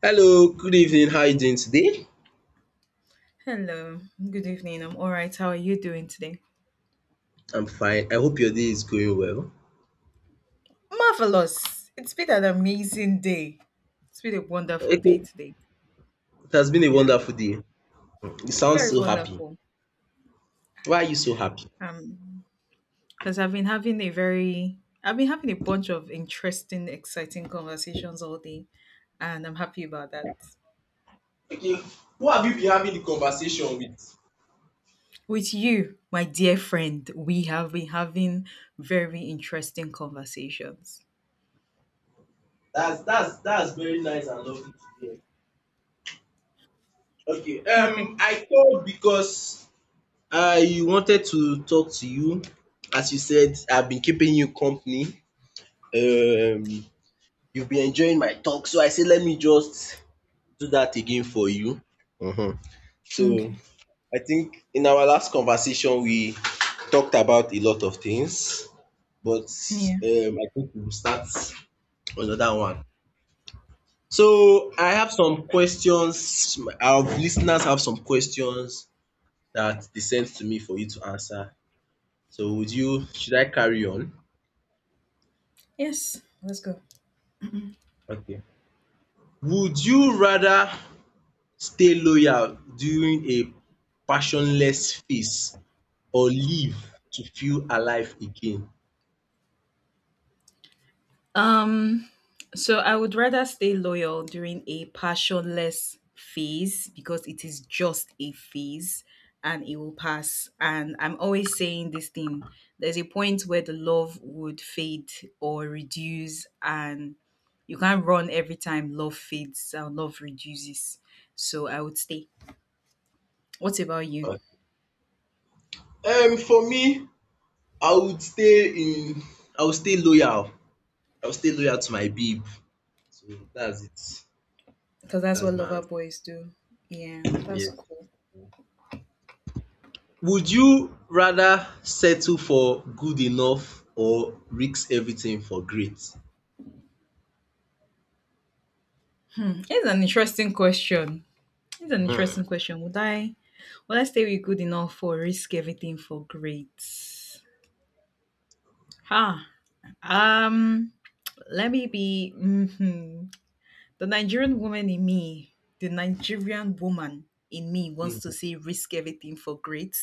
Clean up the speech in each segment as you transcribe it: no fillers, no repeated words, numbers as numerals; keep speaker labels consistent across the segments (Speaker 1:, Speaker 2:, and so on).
Speaker 1: Hello, good evening. How are you doing today?
Speaker 2: Hello, good evening. I'm all right. How are you doing today?
Speaker 1: I'm fine. I hope your day is going well.
Speaker 2: Marvelous. It's been an amazing day. It's been a wonderful day
Speaker 1: Okay.
Speaker 2: today.
Speaker 1: It has been a
Speaker 2: You know,
Speaker 1: wonderful day. You sound
Speaker 2: very
Speaker 1: so happy.
Speaker 2: wonderful.
Speaker 1: Why are you so happy?
Speaker 2: Um, because I've been having I've been having a bunch of interesting, exciting conversations all day, and I'm happy about that.
Speaker 1: Okay. Who have you been having the conversation with?
Speaker 2: With you, my dear friend, we have been having very interesting conversations.
Speaker 1: That's very nice and lovely to hear. Okay.
Speaker 2: Okay.
Speaker 1: I called because I wanted to talk to you. As you said, I've been keeping you company. Um, you've been enjoying my talk, so I said let me just do that again for you. Mhm. So
Speaker 2: Okay.
Speaker 1: I think in our last conversation, we talked about a lot of things, but
Speaker 2: Yeah.
Speaker 1: I think we'll start another one. So I have some questions. Our listeners have some questions that they sent to me for you to answer. So would you? Should I carry on?
Speaker 2: Yes. Let's go.
Speaker 1: Okay. Would you rather stay loyal during a passionless phase or live to feel alive again?
Speaker 2: Um, so I would rather stay loyal during a passionless phase because it is just a phase and it will pass. And I'm always saying this thing, there's a point where the love would fade or reduce, and you can't run every time love fades and love reduces. So I would stay. What about you?
Speaker 1: For me, I would stay in I would stay loyal. I would stay loyal to my babe. So that's it.
Speaker 2: Because that's
Speaker 1: That's
Speaker 2: what
Speaker 1: my
Speaker 2: lover
Speaker 1: answer.
Speaker 2: boys do. Yeah, that's
Speaker 1: Yes.
Speaker 2: cool.
Speaker 1: Would you rather settle for good enough or risk everything for great?
Speaker 2: It's an interesting question. It's an interesting
Speaker 1: Hmm.
Speaker 2: question. Would I stay with good enough or risk everything for great? Ah, um, Let me be the Nigerian woman in me. The Nigerian woman in me wants to
Speaker 1: Mm.
Speaker 2: say risk everything for great,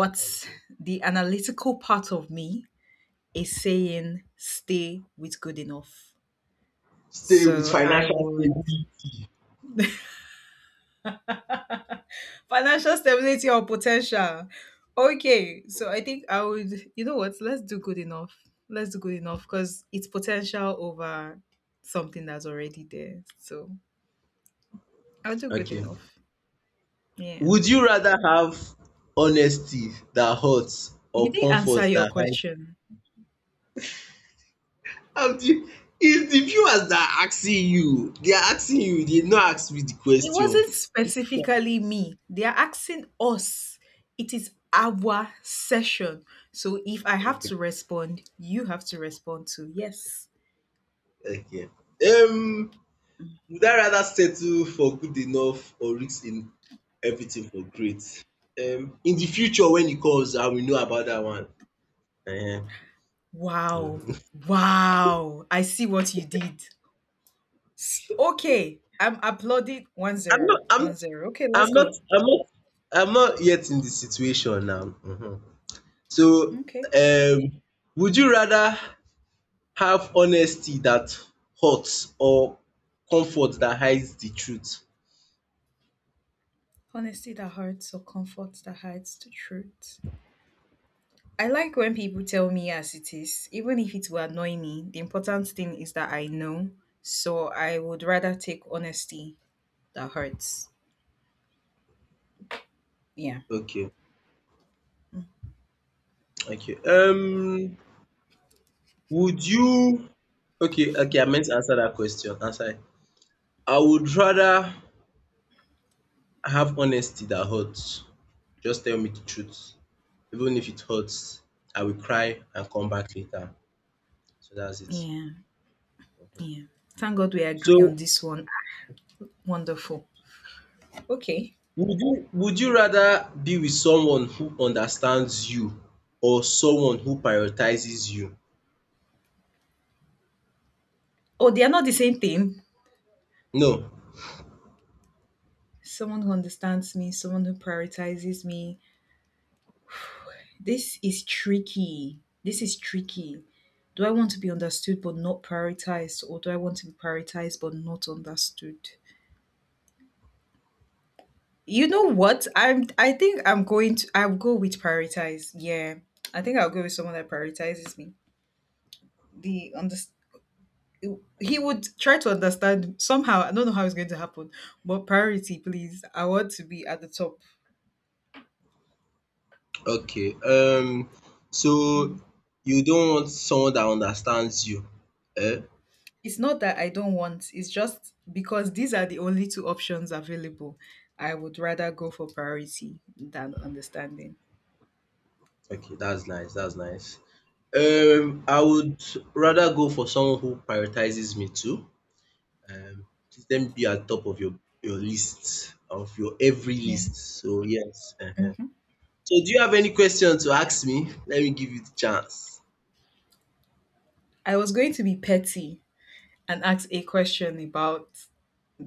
Speaker 2: but
Speaker 1: Okay.
Speaker 2: the analytical part of me is saying stay with good enough.
Speaker 1: Stay with
Speaker 2: So I
Speaker 1: financial
Speaker 2: would
Speaker 1: stability.
Speaker 2: Financial stability or potential. Okay, so I think I would, you know what, let's do good enough. Let's do good enough because it's potential over something that's already there. So I'll do good
Speaker 1: Okay.
Speaker 2: enough. Yeah.
Speaker 1: Would you rather have honesty that hurts
Speaker 2: You
Speaker 1: or
Speaker 2: didn't answer
Speaker 1: comfort
Speaker 2: your
Speaker 1: that hides?
Speaker 2: question.
Speaker 1: Um, the, it's the viewers that are asking you. They are asking you. They no ask me the
Speaker 2: It
Speaker 1: question.
Speaker 2: wasn't specifically me. They are asking us. It is our session. So if I have
Speaker 1: Okay.
Speaker 2: to respond, you have to respond to yes.
Speaker 1: Okay. Um, would I rather settle for good enough or risk in everything for great? In the future when it comes, I will know about that one. Ehen.
Speaker 2: Wow.
Speaker 1: Mm.
Speaker 2: Wow. I see what you did. Okay, I'm applauding one
Speaker 1: I'm
Speaker 2: zero
Speaker 1: not. I'm.
Speaker 2: one zero. Okay,
Speaker 1: I'm
Speaker 2: let's
Speaker 1: not.
Speaker 2: go.
Speaker 1: I'm not. I'm not yet in the situation now. Mhm. So,
Speaker 2: Okay.
Speaker 1: um, would you rather have honesty that hurts or comfort that hides the truth?
Speaker 2: Honesty that hurts or comfort that hides the truth. I like when people tell me as it is, even if it will annoy me. The important thing is that I know. So I would rather take honesty that hurts. Yeah.
Speaker 1: Okay. Okay. Would you Okay, okay, I meant to answer that question. Answer it. I would rather have honesty that hurts. Just tell me the truth. Even if it hurts, I will cry and come back later. So that's it.
Speaker 2: Yeah. Yeah. Thank God we agree
Speaker 1: So
Speaker 2: on this one. Wonderful. Okay.
Speaker 1: would you rather be with someone who understands you or someone who prioritizes you?
Speaker 2: Oh, they are not the same thing.
Speaker 1: No.
Speaker 2: Someone who understands me, someone who prioritizes me, this is tricky. This is tricky. Do I want to be understood but not prioritized, or do I want to be prioritized but not understood? You know what? I think I'm going to. I'll go with prioritize. Yeah, I think I'll go with someone that prioritizes me. The under. He would try to understand somehow. I don't know how it's going to happen, but priority, please. I want to be at the top.
Speaker 1: Okay. So you don't want someone that understands you. Eh?
Speaker 2: It's not that I don't want, it's just because these are the only two options available. I would rather go for priority than understanding.
Speaker 1: Okay, that's nice, that's nice. I would rather go for someone who prioritizes me too. Um, Let them be at top of your list of your every
Speaker 2: Yeah.
Speaker 1: list. So yes.
Speaker 2: hmm
Speaker 1: So do you have any question to ask me? Let me give you the chance.
Speaker 2: I was going to be petty and ask a question about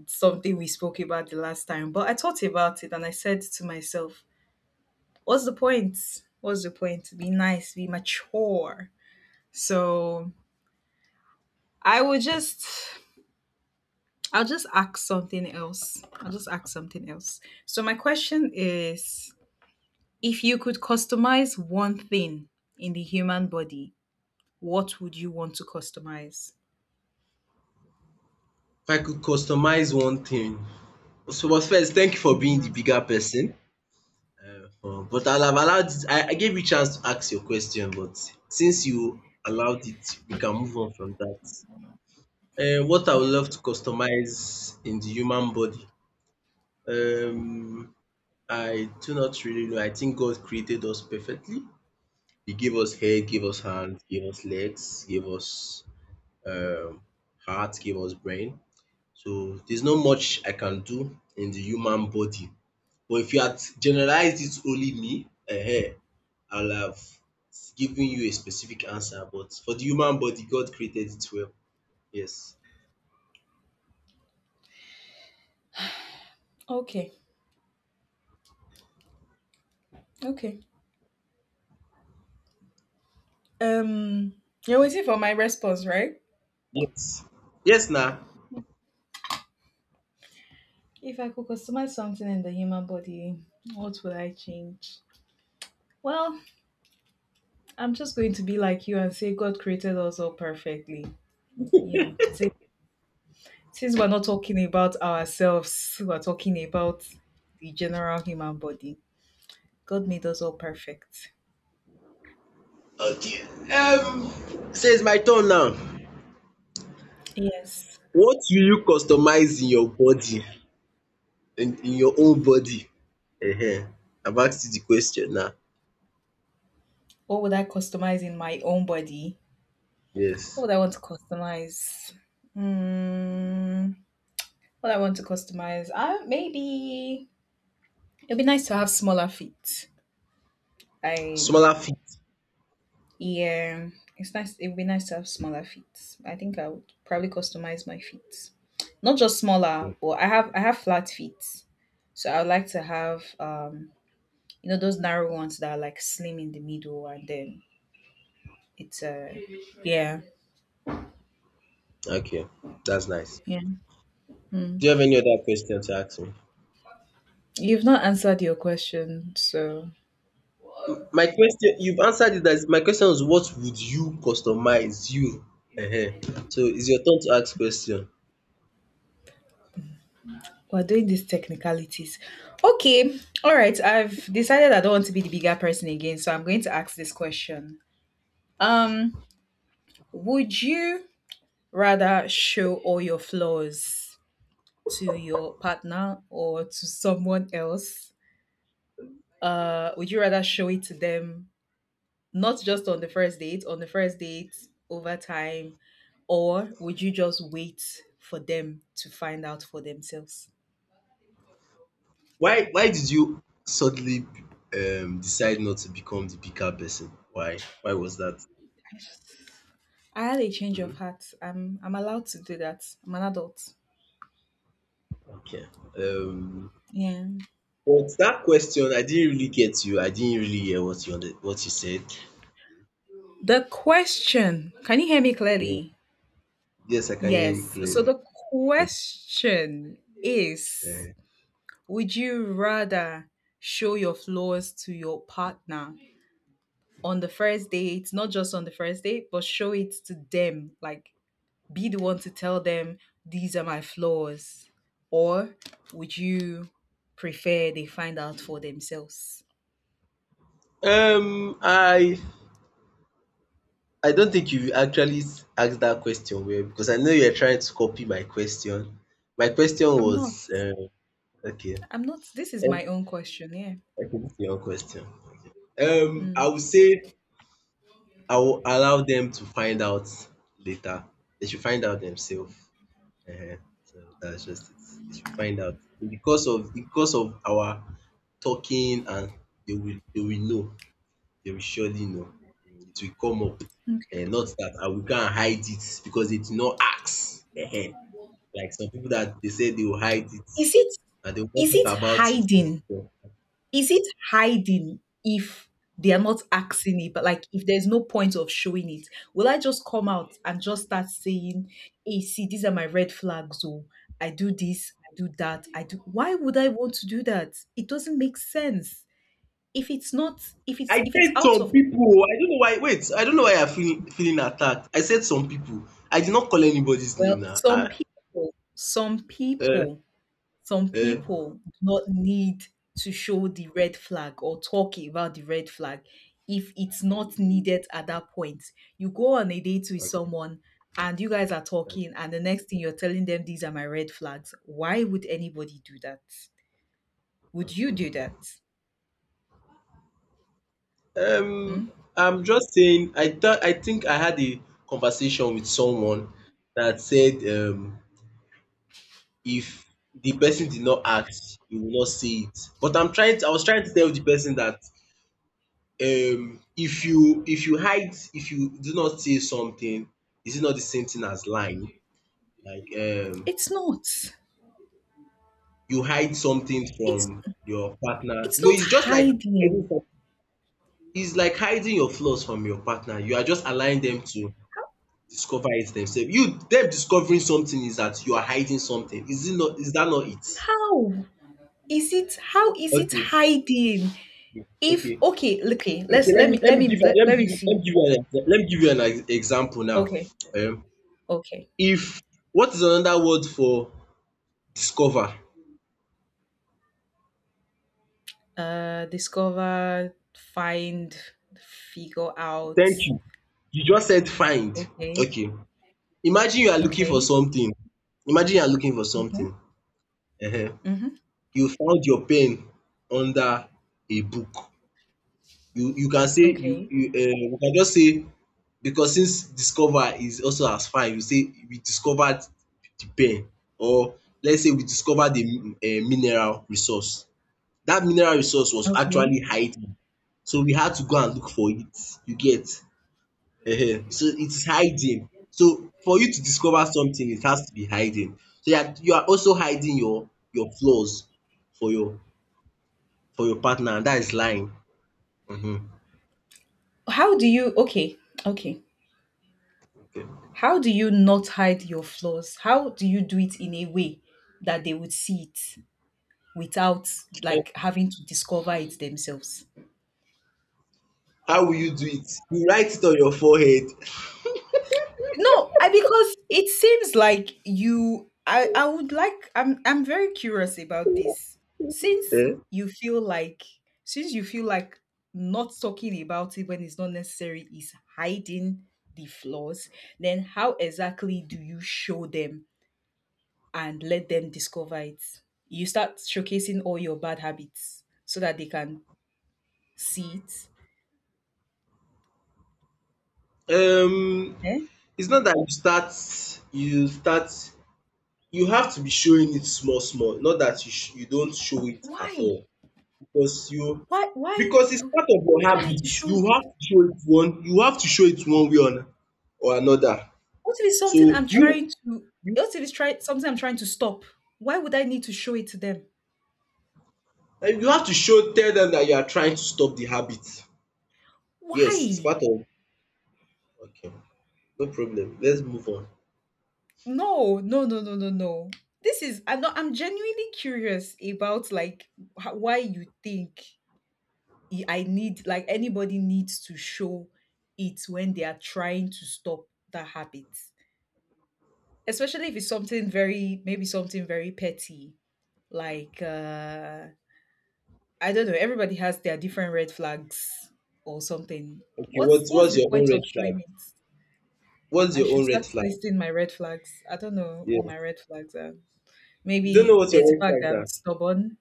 Speaker 2: something we spoke about the last time, but I thought about it and I said to myself, what's the point? What's the point? Be nice, be mature. So I will just, I'll just ask something else. I'll just ask something else. So my question is: if you could customize one thing in the human body, what would you want to customize
Speaker 1: If I could customize one thing. So, but first, thank you
Speaker 2: in
Speaker 1: for
Speaker 2: the
Speaker 1: being the
Speaker 2: human?
Speaker 1: bigger person. But I'll have allowed. I gave you chance to ask your question, but since you allowed it, we can move on from that. What I would
Speaker 2: Yeah.
Speaker 1: love to customize in the human body. Um, I do not really know. I think God created us perfectly. He gave us hair, gave us hands, gave us legs, gave us um, heart, gave us brain. So there's not much I can do in the human body. But if you had generalized it only me, I'll have given you a specific answer. But for the human body, God created it well. Yes.
Speaker 2: Okay. Okay. Um, you're waiting for my response, right?
Speaker 1: Yes. Yes, now.
Speaker 2: If I could customize something in the human body, what would I change? Well, I'm just going to be like you and say God created us all perfectly. You know, since we're not talking about ourselves, we're talking about the general human body. God made us all perfect.
Speaker 1: Okay, um, so it's my turn now.
Speaker 2: Yes.
Speaker 1: What will you customize in your body, in your own body? Uh huh. I've asked you the question now.
Speaker 2: What would I customize in my own body? What
Speaker 1: Yes.
Speaker 2: would I want to customize? Hmm. What I want to customize? Maybe it'd be nice to have smaller feet. I
Speaker 1: Smaller feet.
Speaker 2: yeah, it's nice. It'd be nice to have smaller feet. I think I would probably customize my feet, not just smaller, but I have flat feet, so I would like to have you know those narrow ones that are like slim in the middle and then it's yeah.
Speaker 1: Okay, that's nice.
Speaker 2: Yeah.
Speaker 1: Do
Speaker 2: Mm.
Speaker 1: you have any other question to ask me?
Speaker 2: You've not answered your question, so
Speaker 1: My question, you've answered it. That my question is, what would you customize you? Uh huh. So it's your turn to ask question.
Speaker 2: we're doing these technicalities. Okay, all right. I've decided I don't want to be the bigger person again, so I'm going to ask this question. Um, would you rather show all your flaws to your partner or to someone else? Would you rather show it to them not just on the first date, on the first date over time, or would you just wait for them to find out for themselves?
Speaker 1: Why did you suddenly decide not to become the bigger person? Why? Why was that?
Speaker 2: I had a change of
Speaker 1: Mhm.
Speaker 2: heart. I'm allowed to do that. I'm an adult.
Speaker 1: Okay. Um,
Speaker 2: Yeah.
Speaker 1: but that question, I didn't really get you. I didn't really hear what you said.
Speaker 2: The question, can you hear me
Speaker 1: Yeah.
Speaker 2: clearly?
Speaker 1: Yes, I can hear you
Speaker 2: Yes. So
Speaker 1: clearly.
Speaker 2: the question is,
Speaker 1: Eh.
Speaker 2: would you rather show your flaws to your partner on the first date, not just on the first date, but show it to them, like be the one to tell them these are my flaws, or would you prefer they find out for themselves?
Speaker 1: Um, I I don't think you actually asked that question well because I know you're trying to copy my question. My question
Speaker 2: I'm not.
Speaker 1: was okay.
Speaker 2: I'm not. This is
Speaker 1: Um,
Speaker 2: my own question. Yeah.
Speaker 1: Okay, this is your question. I would say I will allow them to find out later. They should find out themselves. Ehen, so that's just it. They should find out. Because of our talking and they will know. They will surely know. It will come up. And not that I will go and hide it because they did not ask. Ehen. Like some people that they say they will hide it
Speaker 2: Is it
Speaker 1: and they won't
Speaker 2: is
Speaker 1: talk
Speaker 2: it
Speaker 1: about it with
Speaker 2: hiding?
Speaker 1: people.
Speaker 2: Is it hiding if they are not asking it, but like if there's no point of showing it, will I just come out and just start saying, hey, see, these are my red flags, oh, I do this, I do that, I do why would I want to do that? It doesn't make sense. If it's not if it's
Speaker 1: I
Speaker 2: if it's
Speaker 1: said
Speaker 2: out
Speaker 1: some
Speaker 2: of
Speaker 1: people. I don't know why. Wait, I don't know why I'm feeling attacked. I said some people. I did not call anybody's name
Speaker 2: Well,
Speaker 1: now. Ah,
Speaker 2: some
Speaker 1: eh,
Speaker 2: people, some
Speaker 1: eh.
Speaker 2: people do not need to show the red flag or talk about the red flag if it's
Speaker 1: Thank
Speaker 2: not
Speaker 1: you.
Speaker 2: needed at that point. You go on a date with
Speaker 1: Thank you.
Speaker 2: someone and you guys are
Speaker 1: Thank you.
Speaker 2: talking, and the next thing you're telling them, these are my red flags. Why would anybody do that? Would
Speaker 1: Thank
Speaker 2: you do
Speaker 1: you.
Speaker 2: that?
Speaker 1: Um,
Speaker 2: Hmm?
Speaker 1: I'm just saying, I think I had a conversation with someone that said if the person did not act, you will not see it. But I was trying to tell the person that if you hide, if you do not say something, is it not the same thing as lying? Like
Speaker 2: It's not.
Speaker 1: you hide something
Speaker 2: It's
Speaker 1: from your partner.
Speaker 2: it's
Speaker 1: No,
Speaker 2: not
Speaker 1: it's just hiding
Speaker 2: hiding.
Speaker 1: some- like hiding your flaws from your partner. You are just allowing them to discover it themselves. You Them discovering something is that you are hiding something. Is that not it?
Speaker 2: How is it? How is it
Speaker 1: Okay,
Speaker 2: hiding?
Speaker 1: okay,
Speaker 2: If
Speaker 1: okay,
Speaker 2: okay, okay,
Speaker 1: okay,
Speaker 2: Let's
Speaker 1: let me
Speaker 2: let me
Speaker 1: give you let me
Speaker 2: see.
Speaker 1: give you an exa let me give you an ex example now.
Speaker 2: Okay,
Speaker 1: um
Speaker 2: okay.
Speaker 1: If what is another word for discover?
Speaker 2: Discover, find, figure out.
Speaker 1: Thank you. You just said find.
Speaker 2: Okay.
Speaker 1: Okay, imagine you are looking for
Speaker 2: Okay.
Speaker 1: something imagine you are looking for something.
Speaker 2: Mm-hmm.
Speaker 1: Uh huh.
Speaker 2: Mm-hmm.
Speaker 1: You found your pen under a book. You
Speaker 2: Okay.
Speaker 1: you um you can just say because since discover is also as fine, you say we discovered the pen, or let's say we discovered the mineral resource. That mineral resource was
Speaker 2: Okay.
Speaker 1: actually hiding, so we had to go and look for it, you get? So it's hiding. So for you to discover something, it has to be hiding. So you are also hiding your flaws for your for your partner and dat lying. um
Speaker 2: Okay. Okay.
Speaker 1: Okay.
Speaker 2: How do you not hide your flaws? How do you do it in a way that they would see it without like having to discover it themselves?
Speaker 1: How will you do it? You write it on your forehead.
Speaker 2: No, I because it seems like you I would like I'm very curious about this. Since
Speaker 1: Eh?
Speaker 2: you feel like since you feel like not talking about it when it's not necessary is hiding the flaws, then how exactly do you show them and let them discover it? You start showcasing all your bad habits so that they can see it.
Speaker 1: Um,
Speaker 2: Eh?
Speaker 1: it's not that you start, you have to be showing it small, small. Not that you don't show it at
Speaker 2: Why?
Speaker 1: all because you
Speaker 2: Why why
Speaker 1: because it's
Speaker 2: do
Speaker 1: part of
Speaker 2: why
Speaker 1: your
Speaker 2: do I need
Speaker 1: habit.
Speaker 2: to show it?
Speaker 1: You have to show it one way or another.
Speaker 2: What if it's
Speaker 1: So
Speaker 2: something I'm
Speaker 1: you
Speaker 2: trying to what if it's try something I'm trying to stop? Why would I need to show it to them?
Speaker 1: and you have to show tell them that you are trying to stop the habit. Yes, it's
Speaker 2: Why?
Speaker 1: part of. Okay, no problem. Let's move on.
Speaker 2: No, no, no, no, no, no. This is I'm not. I'm genuinely curious about like why you think I need, like, anybody needs to show it when they are trying to stop that habit. Especially if it's something very, maybe something very petty, like I don't know. Everybody has their different red flags or something.
Speaker 1: Okay, what's
Speaker 2: What's
Speaker 1: what's
Speaker 2: the
Speaker 1: your own
Speaker 2: point
Speaker 1: red
Speaker 2: of showing
Speaker 1: flag?
Speaker 2: it?
Speaker 1: What's
Speaker 2: I
Speaker 1: your
Speaker 2: should
Speaker 1: own red
Speaker 2: start
Speaker 1: flag?
Speaker 2: listing my red flags. I don't know what my
Speaker 1: Yes.
Speaker 2: red flags are.
Speaker 1: You don't know
Speaker 2: Maybe
Speaker 1: what your
Speaker 2: there's the
Speaker 1: red
Speaker 2: fact
Speaker 1: flags
Speaker 2: that I'm
Speaker 1: are.
Speaker 2: stubborn.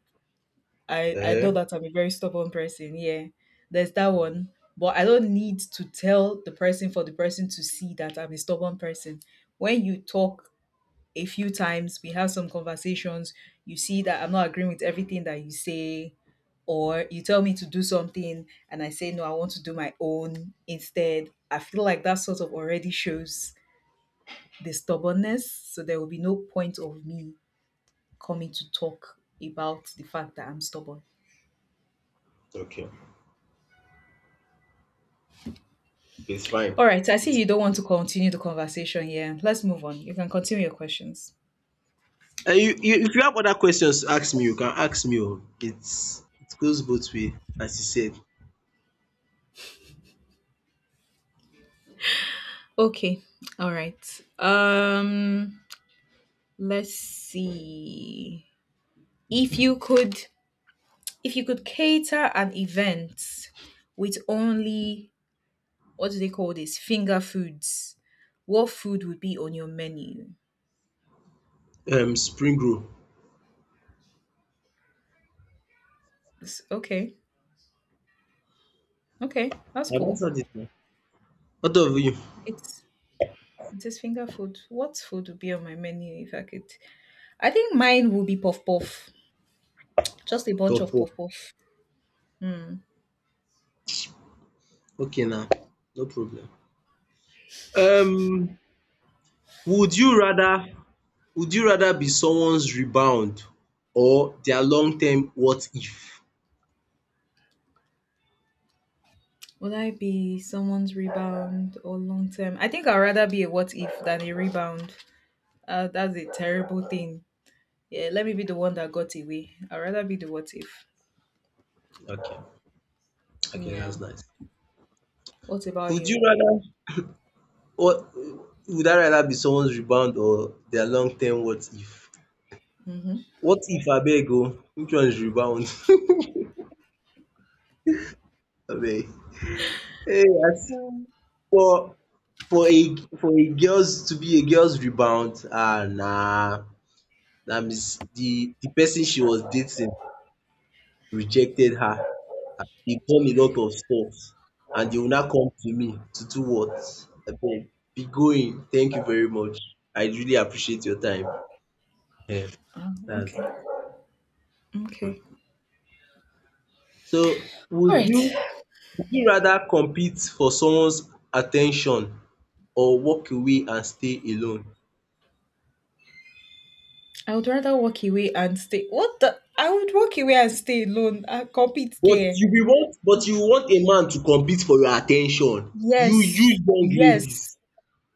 Speaker 2: I know
Speaker 1: Uh-huh.
Speaker 2: that I'm a very stubborn person. Yeah, there's that one. But I don't need to tell the person for the person to see that I'm a stubborn person. When you talk a few times, we have some conversations. You see that I'm not agreeing with everything that you say, or you tell me to do something and I say, no, I want to do my own instead. I feel like that sort of already shows the stubbornness. So there will be no point of me coming to talk about the fact that I'm stubborn.
Speaker 1: Okay. It's fine.
Speaker 2: All right. I see
Speaker 1: It's,
Speaker 2: you don't want to continue the conversation here. Let's move on. You can continue your questions.
Speaker 1: if you have other questions to ask me, you can ask me. Oh. It goes both way, as you said.
Speaker 2: Okay. All right. Let's see. If you could if you could cater an event with only, what do they call this? Finger foods. What food would be on your menu?
Speaker 1: Spring roll.
Speaker 2: Okay, okay, that's
Speaker 1: I've
Speaker 2: cool.
Speaker 1: answered it now. What of you?
Speaker 2: It's it is finger food. What food would be on my menu if I could? I think mine would be puff puff. Just a bunch
Speaker 1: Top
Speaker 2: of
Speaker 1: four.
Speaker 2: puff puff.
Speaker 1: Okay now. No problem. Um, would you rather would you rather be someone's rebound or their long term what if?
Speaker 2: Would I be someone's rebound or long term? I think I'd rather be a what if than a rebound. That's a terrible thing. Yeah, let me be the one that got away. I'd rather be the what if.
Speaker 1: Okay. Okay,
Speaker 2: Yeah.
Speaker 1: that's nice.
Speaker 2: What about
Speaker 1: Would you
Speaker 2: you?
Speaker 1: rather What would I rather be someone's rebound or their long term what if?
Speaker 2: Mm-hmm.
Speaker 1: What if abeg o, which one is rebound abeg? As for for a girl's to be a girl's rebound. Ah, nah. That means the person she was dating rejected her. He e done a lot of stuff and they will now come to me to do what? Abeg be going, thank you very much, I really appreciate your time. um Dats
Speaker 2: Okay.
Speaker 1: it.
Speaker 2: Okay.
Speaker 1: So
Speaker 2: All right.
Speaker 1: would you rather compete for someone's attention or walk away and stay alone?
Speaker 2: I would rather walk away and stay. What the? I would walk away and stay alone. I compete care.
Speaker 1: But you want a man to compete for your attention. You
Speaker 2: Yes.
Speaker 1: young
Speaker 2: Yes.
Speaker 1: ladies.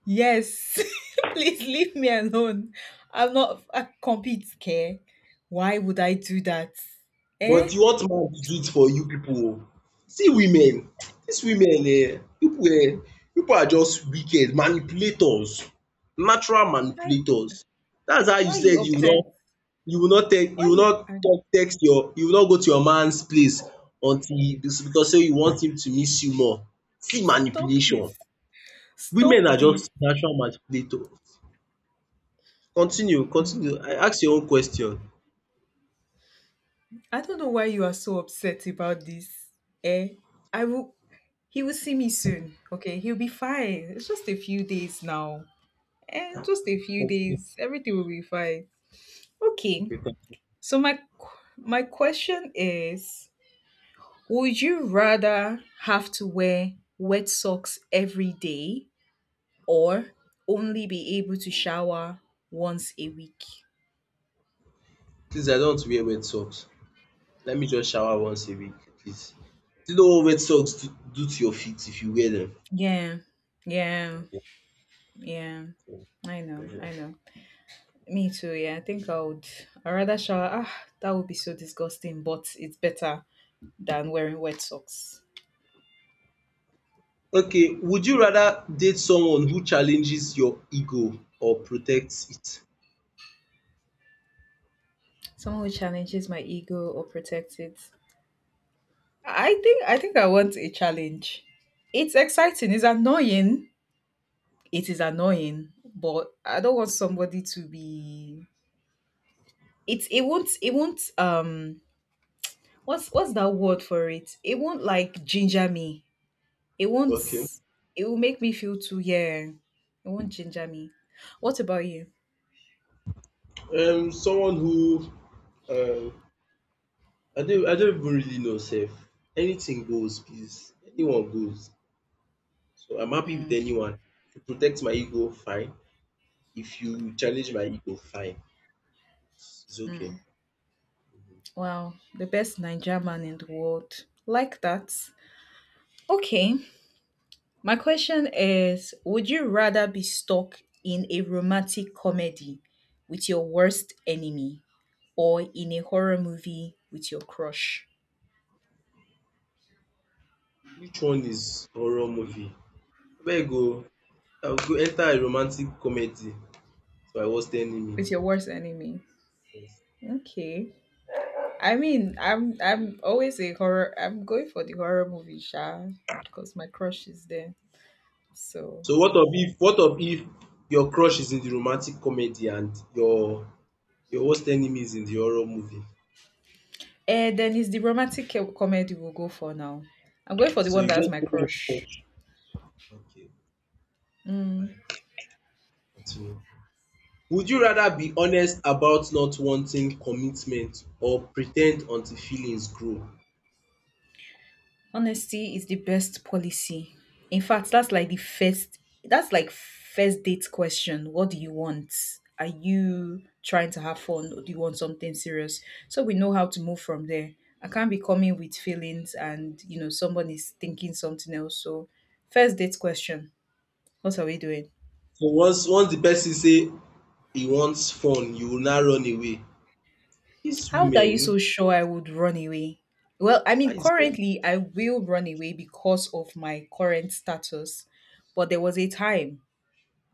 Speaker 2: Yes. Please leave me alone. I'm not a compete care. Why would I do that? Eh?
Speaker 1: But you want man to do it for you people. Oo. See women, dis women people pipu are just wicked manipulators, natural
Speaker 2: Why?
Speaker 1: manipulators. That's how
Speaker 2: Why
Speaker 1: you
Speaker 2: are
Speaker 1: said,
Speaker 2: you
Speaker 1: you no,
Speaker 2: upset?
Speaker 1: you will not tell, you
Speaker 2: Why
Speaker 1: will
Speaker 2: you?
Speaker 1: not
Speaker 2: ang-
Speaker 1: talk, text your, you will not go to your man's place until because sey you want him to miss you more. See
Speaker 2: Stop
Speaker 1: manipulation.
Speaker 2: this.
Speaker 1: Women
Speaker 2: Stop
Speaker 1: are
Speaker 2: this.
Speaker 1: just natural manipulators. Continue,
Speaker 2: No.
Speaker 1: continue. I ask your own question.
Speaker 2: I don't know why you are so upset about this. Eh? I will. He will see me soon. Okay, he'll be fine. It's just a few days now. And just a few days, everything will be fine. Okay.
Speaker 1: Okay, thank you.
Speaker 2: So my question is, would you rather have to wear wet socks every day or only be able to shower once a week?
Speaker 1: Please I don't want to wear wet socks. Let me just shower once a week at least. Do you know what wet socks do to your feet if you wear
Speaker 2: Yeah. Yeah. Yeah. I know. I
Speaker 1: them?
Speaker 2: know. Me too. Yeah, I think I would. I rather shower. Ah, that would be so disgusting, but it's better than wearing wet socks.
Speaker 1: Okay, would you rather date someone who challenges your ego or protects it?
Speaker 2: Someone who challenges my ego or protects it. I think I want a challenge. It's exciting. It's annoying. It is annoying, but I don't want somebody to be. It won't what's that word for it? It won't like ginger me. It won't.
Speaker 1: Okay.
Speaker 2: It will make me feel too, yeah. It won't ginger me. What about you?
Speaker 1: Someone who uh, I don't even really know self. Anything goes, please. Anyone goes. So I'm happy with
Speaker 2: Mm,
Speaker 1: anyone. If you protect my ego, fine. If you challenge my ego, fine. It's okay.
Speaker 2: mm. Wow, the best Nigerian man in the world. Like that. Okay, my question is, would you rather be stuck in a romantic comedy with your worst enemy or in a horror movie with your crush?
Speaker 1: Which one is horror movie? Abeg oh, I go enter a romantic comedy by worst enemy.
Speaker 2: With your worst enemy.
Speaker 1: Yes.
Speaker 2: Okay. I mean, I'm going for the horror movie, Sha, because my crush is there. So
Speaker 1: So what of if your crush is in the romantic comedy and your worst enemy is in the horror movie?
Speaker 2: and then it's the comedy we'll go for now. I'm going for the
Speaker 1: So
Speaker 2: one
Speaker 1: you
Speaker 2: that's
Speaker 1: just
Speaker 2: my
Speaker 1: follow your
Speaker 2: crush.
Speaker 1: crush. Okay, fine, continue. Would you rather be honest about not wanting commitment or pretend until feelings grow?
Speaker 2: Honesty is the best policy. In fact, that's like first date question. What do you want? Are you trying to have fun or do you want something serious? So we know how to move from there. I can't be coming with feelings and you know someone is thinking something else. So first date question. What are we doing?
Speaker 1: So once the person say he wants fun, you will now run away. These
Speaker 2: How are you
Speaker 1: women,
Speaker 2: so sure I would run away? Well, I
Speaker 1: how
Speaker 2: mean,
Speaker 1: is very.
Speaker 2: currently I will run away because of my current status, but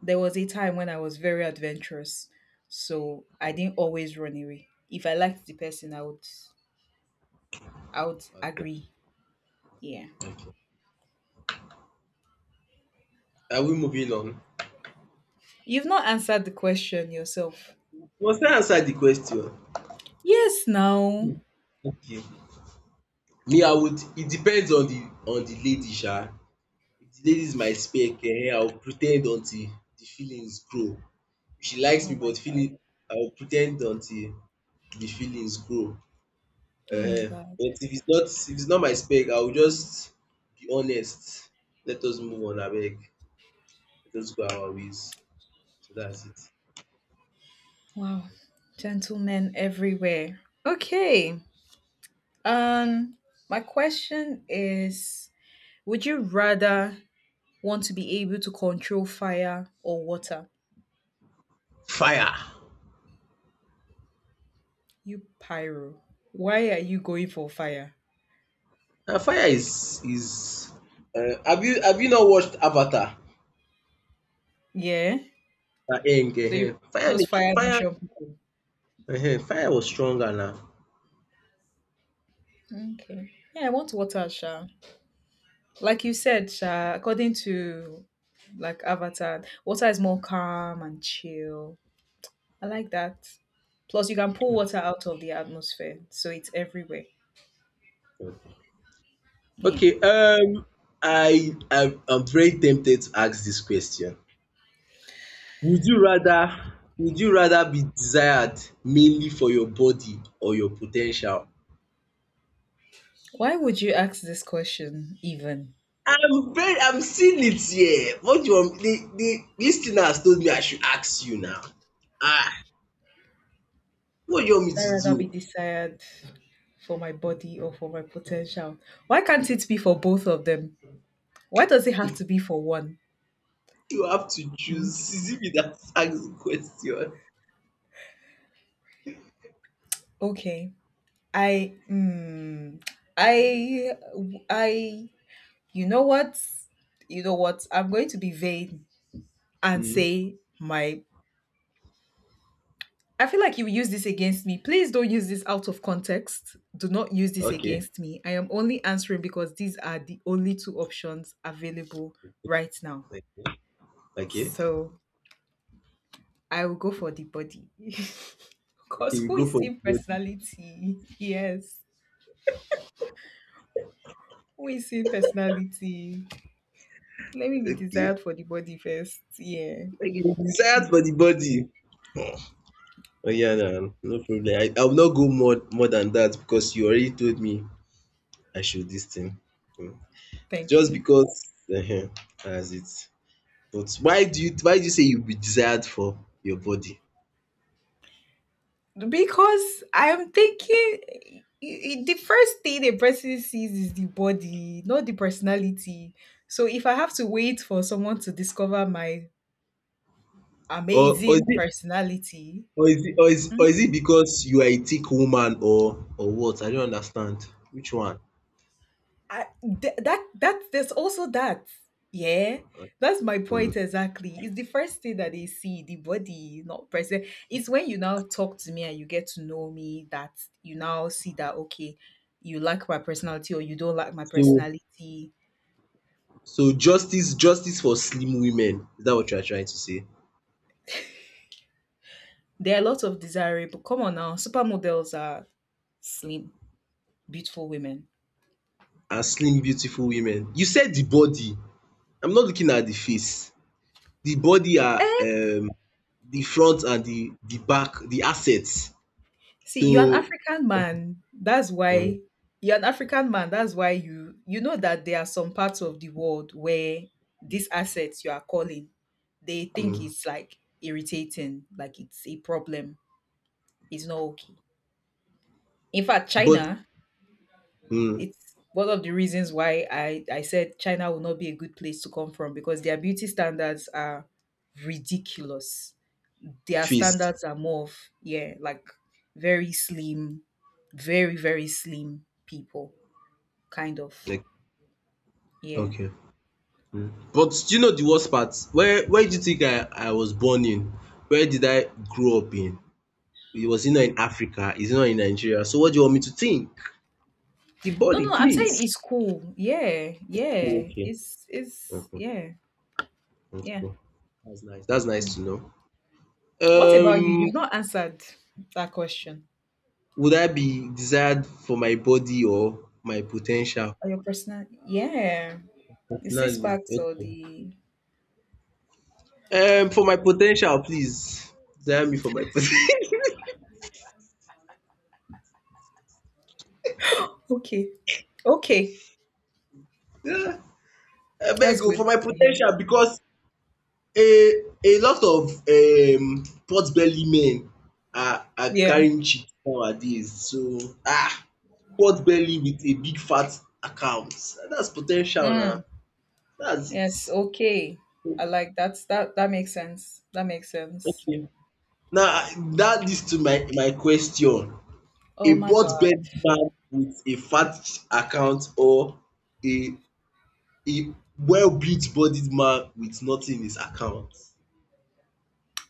Speaker 2: there was a time when I was very adventurous, so I didn't always run away. If I liked the person, I would
Speaker 1: Okay,
Speaker 2: agree. Yeah.
Speaker 1: okay. Are we moving on?
Speaker 2: You've not answered the question yourself.
Speaker 1: Must I answer the question?
Speaker 2: Yes, now.
Speaker 1: Okay. Me I would it depends on the lady sha. If the lady is my spec, I will pre ten d until the feelings grow. If she likes
Speaker 2: Oh
Speaker 1: me
Speaker 2: my
Speaker 1: but
Speaker 2: god.
Speaker 1: feeling, I will pre ten d until the feelings grow,
Speaker 2: Oh my
Speaker 1: um
Speaker 2: god.
Speaker 1: but if it's not, if it's not my spec, I will just be honest. Let us move on abeg. Let us go our ways. So that's it.
Speaker 2: Wow. Gentlemen everywhere. Okay. Um my question is, would you rather want to be able to control fire or water?
Speaker 1: Fire!
Speaker 2: You pyro. Why are you going for fire?
Speaker 1: Fire is, have you, have you not watched Avatar?
Speaker 2: Yeah.
Speaker 1: Enge,
Speaker 2: So you
Speaker 1: ehen. Fire
Speaker 2: put those
Speaker 1: dey kill
Speaker 2: fire
Speaker 1: fire.
Speaker 2: nation people.
Speaker 1: Ehen, fire was stronger now.
Speaker 2: Okay. Yeah, I want water, Sha. Like you said, Sha, according to like Avatar, water is more calm and chill. I like that. Plus you can pull water out of the atmosphere, so it's everywhere. Yeah.
Speaker 1: Okay, I am very tempted to ask this question. Would you rather, be desired mainly for your body or your potential?
Speaker 2: Why would you ask this question even?
Speaker 1: I'm seeing it here. What do you want? The lis ten ers told me I should ask you now. Ah, what do you want me
Speaker 2: Would I
Speaker 1: to
Speaker 2: rather be
Speaker 1: do?
Speaker 2: desired for my body or for my potential? Why can't it be for both of them? Why does it have to be for one?
Speaker 1: You have to choose.
Speaker 2: Hmm?
Speaker 1: Is it me that ask the question?
Speaker 2: Okay. I mm, I I you know what? You know what? I'm going to be vain and
Speaker 1: um
Speaker 2: say my. I feel like you use this against me. Please don't use this out of context. Do not use this against me. I am only answering because these are the only two options available right now.
Speaker 1: okay, okay.
Speaker 2: So I will go for the body.
Speaker 1: Okay,
Speaker 2: Because
Speaker 1: you
Speaker 2: who
Speaker 1: go
Speaker 2: is
Speaker 1: for the
Speaker 2: seeing
Speaker 1: body.
Speaker 2: personality? Yes. Who is seeing personality? Let me be
Speaker 1: Okay.
Speaker 2: desired for the body first. Yeah.
Speaker 1: Okay, you desire for the
Speaker 2: Mm,
Speaker 1: body. Oh yeah, nah, no problem. I will not go more than that because you already told me I should this thing. Mm.
Speaker 2: Thank
Speaker 1: Just
Speaker 2: you.
Speaker 1: because uh that's it. But why do you, say you be desired for your body?
Speaker 2: Because I'm thinking, the first thing a person sees is the body, not the personality. So if I have to wait for someone to discover my
Speaker 1: Or or is
Speaker 2: amazing
Speaker 1: it
Speaker 2: personality,
Speaker 1: or is it, or is it because you are a thick woman or what? I don't understand. Which one?
Speaker 2: I, that there's also that, yeah,
Speaker 1: Uh,
Speaker 2: that's my
Speaker 1: Mm.
Speaker 2: point exactly. It's the first thing that they see, the body, not present. It's when you now talk to me and you get to know me that you now see that, okay, you like my personality or you don't like my
Speaker 1: So
Speaker 2: personality.
Speaker 1: justice for slim women. Is that what you are trying to say?
Speaker 2: There are a lot of desirable, come on now, supermodels are slim beautiful women.
Speaker 1: And slim beautiful women. You said the body. I'm not looking at the face. The body are, the front and the back, the assets.
Speaker 2: See, you're an
Speaker 1: So,
Speaker 2: African man. That's
Speaker 1: mm,
Speaker 2: why you're an African man. That's why you you know that there are some parts of the world where these assets you are calling, they
Speaker 1: mm,
Speaker 2: think it's like irritating, like it's a problem. It's not okay. In fact,
Speaker 1: but
Speaker 2: China,
Speaker 1: mm,
Speaker 2: it's one of the reasons why I said China will not be a good place to come from because their beauty standards are ridiculous. Their
Speaker 1: face.
Speaker 2: standards are more of, yeah, like very slim, very slim people kind of,
Speaker 1: Like,
Speaker 2: yeah.
Speaker 1: okay. But do you know the worst part? Where do you think I was born in? Where did I grow up in? It was not in Africa. It's not in Nigeria. So what do you want me to think? The
Speaker 2: no
Speaker 1: body,
Speaker 2: no I'm saying
Speaker 1: please.
Speaker 2: it's cool. Yeah. Yeah,
Speaker 1: Okay.
Speaker 2: it's yeah, yeah.
Speaker 1: That's nice. That's nice
Speaker 2: Mm.
Speaker 1: to know.
Speaker 2: What about you? You've not answered that question.
Speaker 1: Would I be desired for my body or my po ten tial?
Speaker 2: Or your personal, yeah, the six
Speaker 1: Personality,
Speaker 2: packs or
Speaker 1: okay.
Speaker 2: the.
Speaker 1: For my po ten tial please, desire me for my po ten
Speaker 2: Okay. Okay,
Speaker 1: tial. Abeg
Speaker 2: that's
Speaker 1: o, for
Speaker 2: good
Speaker 1: my po
Speaker 2: to
Speaker 1: ten
Speaker 2: hear.
Speaker 1: tial because a lot of pot belly men are
Speaker 2: Yeah.
Speaker 1: carrying chicks nowadays so ah, pot belly with a big fat account. That's po ten tial na,
Speaker 2: Mm.
Speaker 1: dats it.
Speaker 2: Yes, okay. I like that's, that that makes sense. That makes sense.
Speaker 1: Now, that leads to my question.
Speaker 2: Oh
Speaker 1: A
Speaker 2: my God.
Speaker 1: pot-bellied man with a fat account or a a well-built-bodied man with nothing in his account?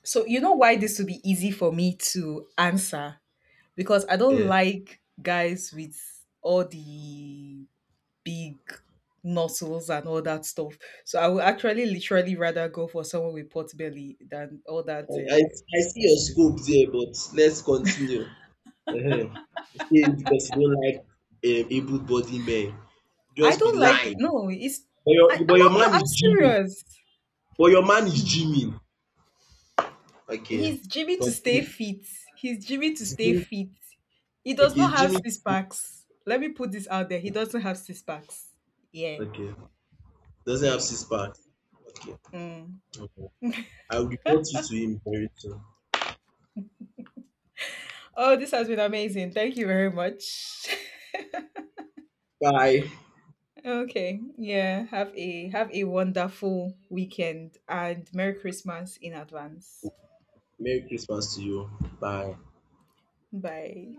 Speaker 2: So, you know why this would be easy for me to answer? Because I don't
Speaker 1: um
Speaker 2: like guys with all the big nozzles and all that stuff. So, I would actually literally rather go for someone with pot belly than all that.
Speaker 1: I I I see
Speaker 2: This
Speaker 1: your
Speaker 2: thing.
Speaker 1: scope there but let's continue. You say because you don't like able-bodied men,
Speaker 2: I
Speaker 1: just be
Speaker 2: don't like it.
Speaker 1: lying,
Speaker 2: No, it's. I,
Speaker 1: but
Speaker 2: I'm
Speaker 1: your
Speaker 2: not.
Speaker 1: man
Speaker 2: No,
Speaker 1: is
Speaker 2: I'm
Speaker 1: gymming,
Speaker 2: serious.
Speaker 1: but your man is gymming. Okay,
Speaker 2: He's Jimmy to stay
Speaker 1: continue.
Speaker 2: fit. He's Jimmy to
Speaker 1: Is
Speaker 2: stay
Speaker 1: gymming,
Speaker 2: fit. He does
Speaker 1: okay,
Speaker 2: not have
Speaker 1: gymming,
Speaker 2: six packs. Let me put this out there. He doesn't have six packs. Yeah.
Speaker 1: okay, doesn't have
Speaker 2: Eh.
Speaker 1: six packs. Okay.
Speaker 2: Mm.
Speaker 1: Okay. I will report you to him very soon.
Speaker 2: Oh, this has been amazing. Thank you very much.
Speaker 1: Bye.
Speaker 2: okay. Yeah. Have a wonderful weekend and Merry Christmas in advance.
Speaker 1: Merry Christmas to you. Bye.
Speaker 2: Bye.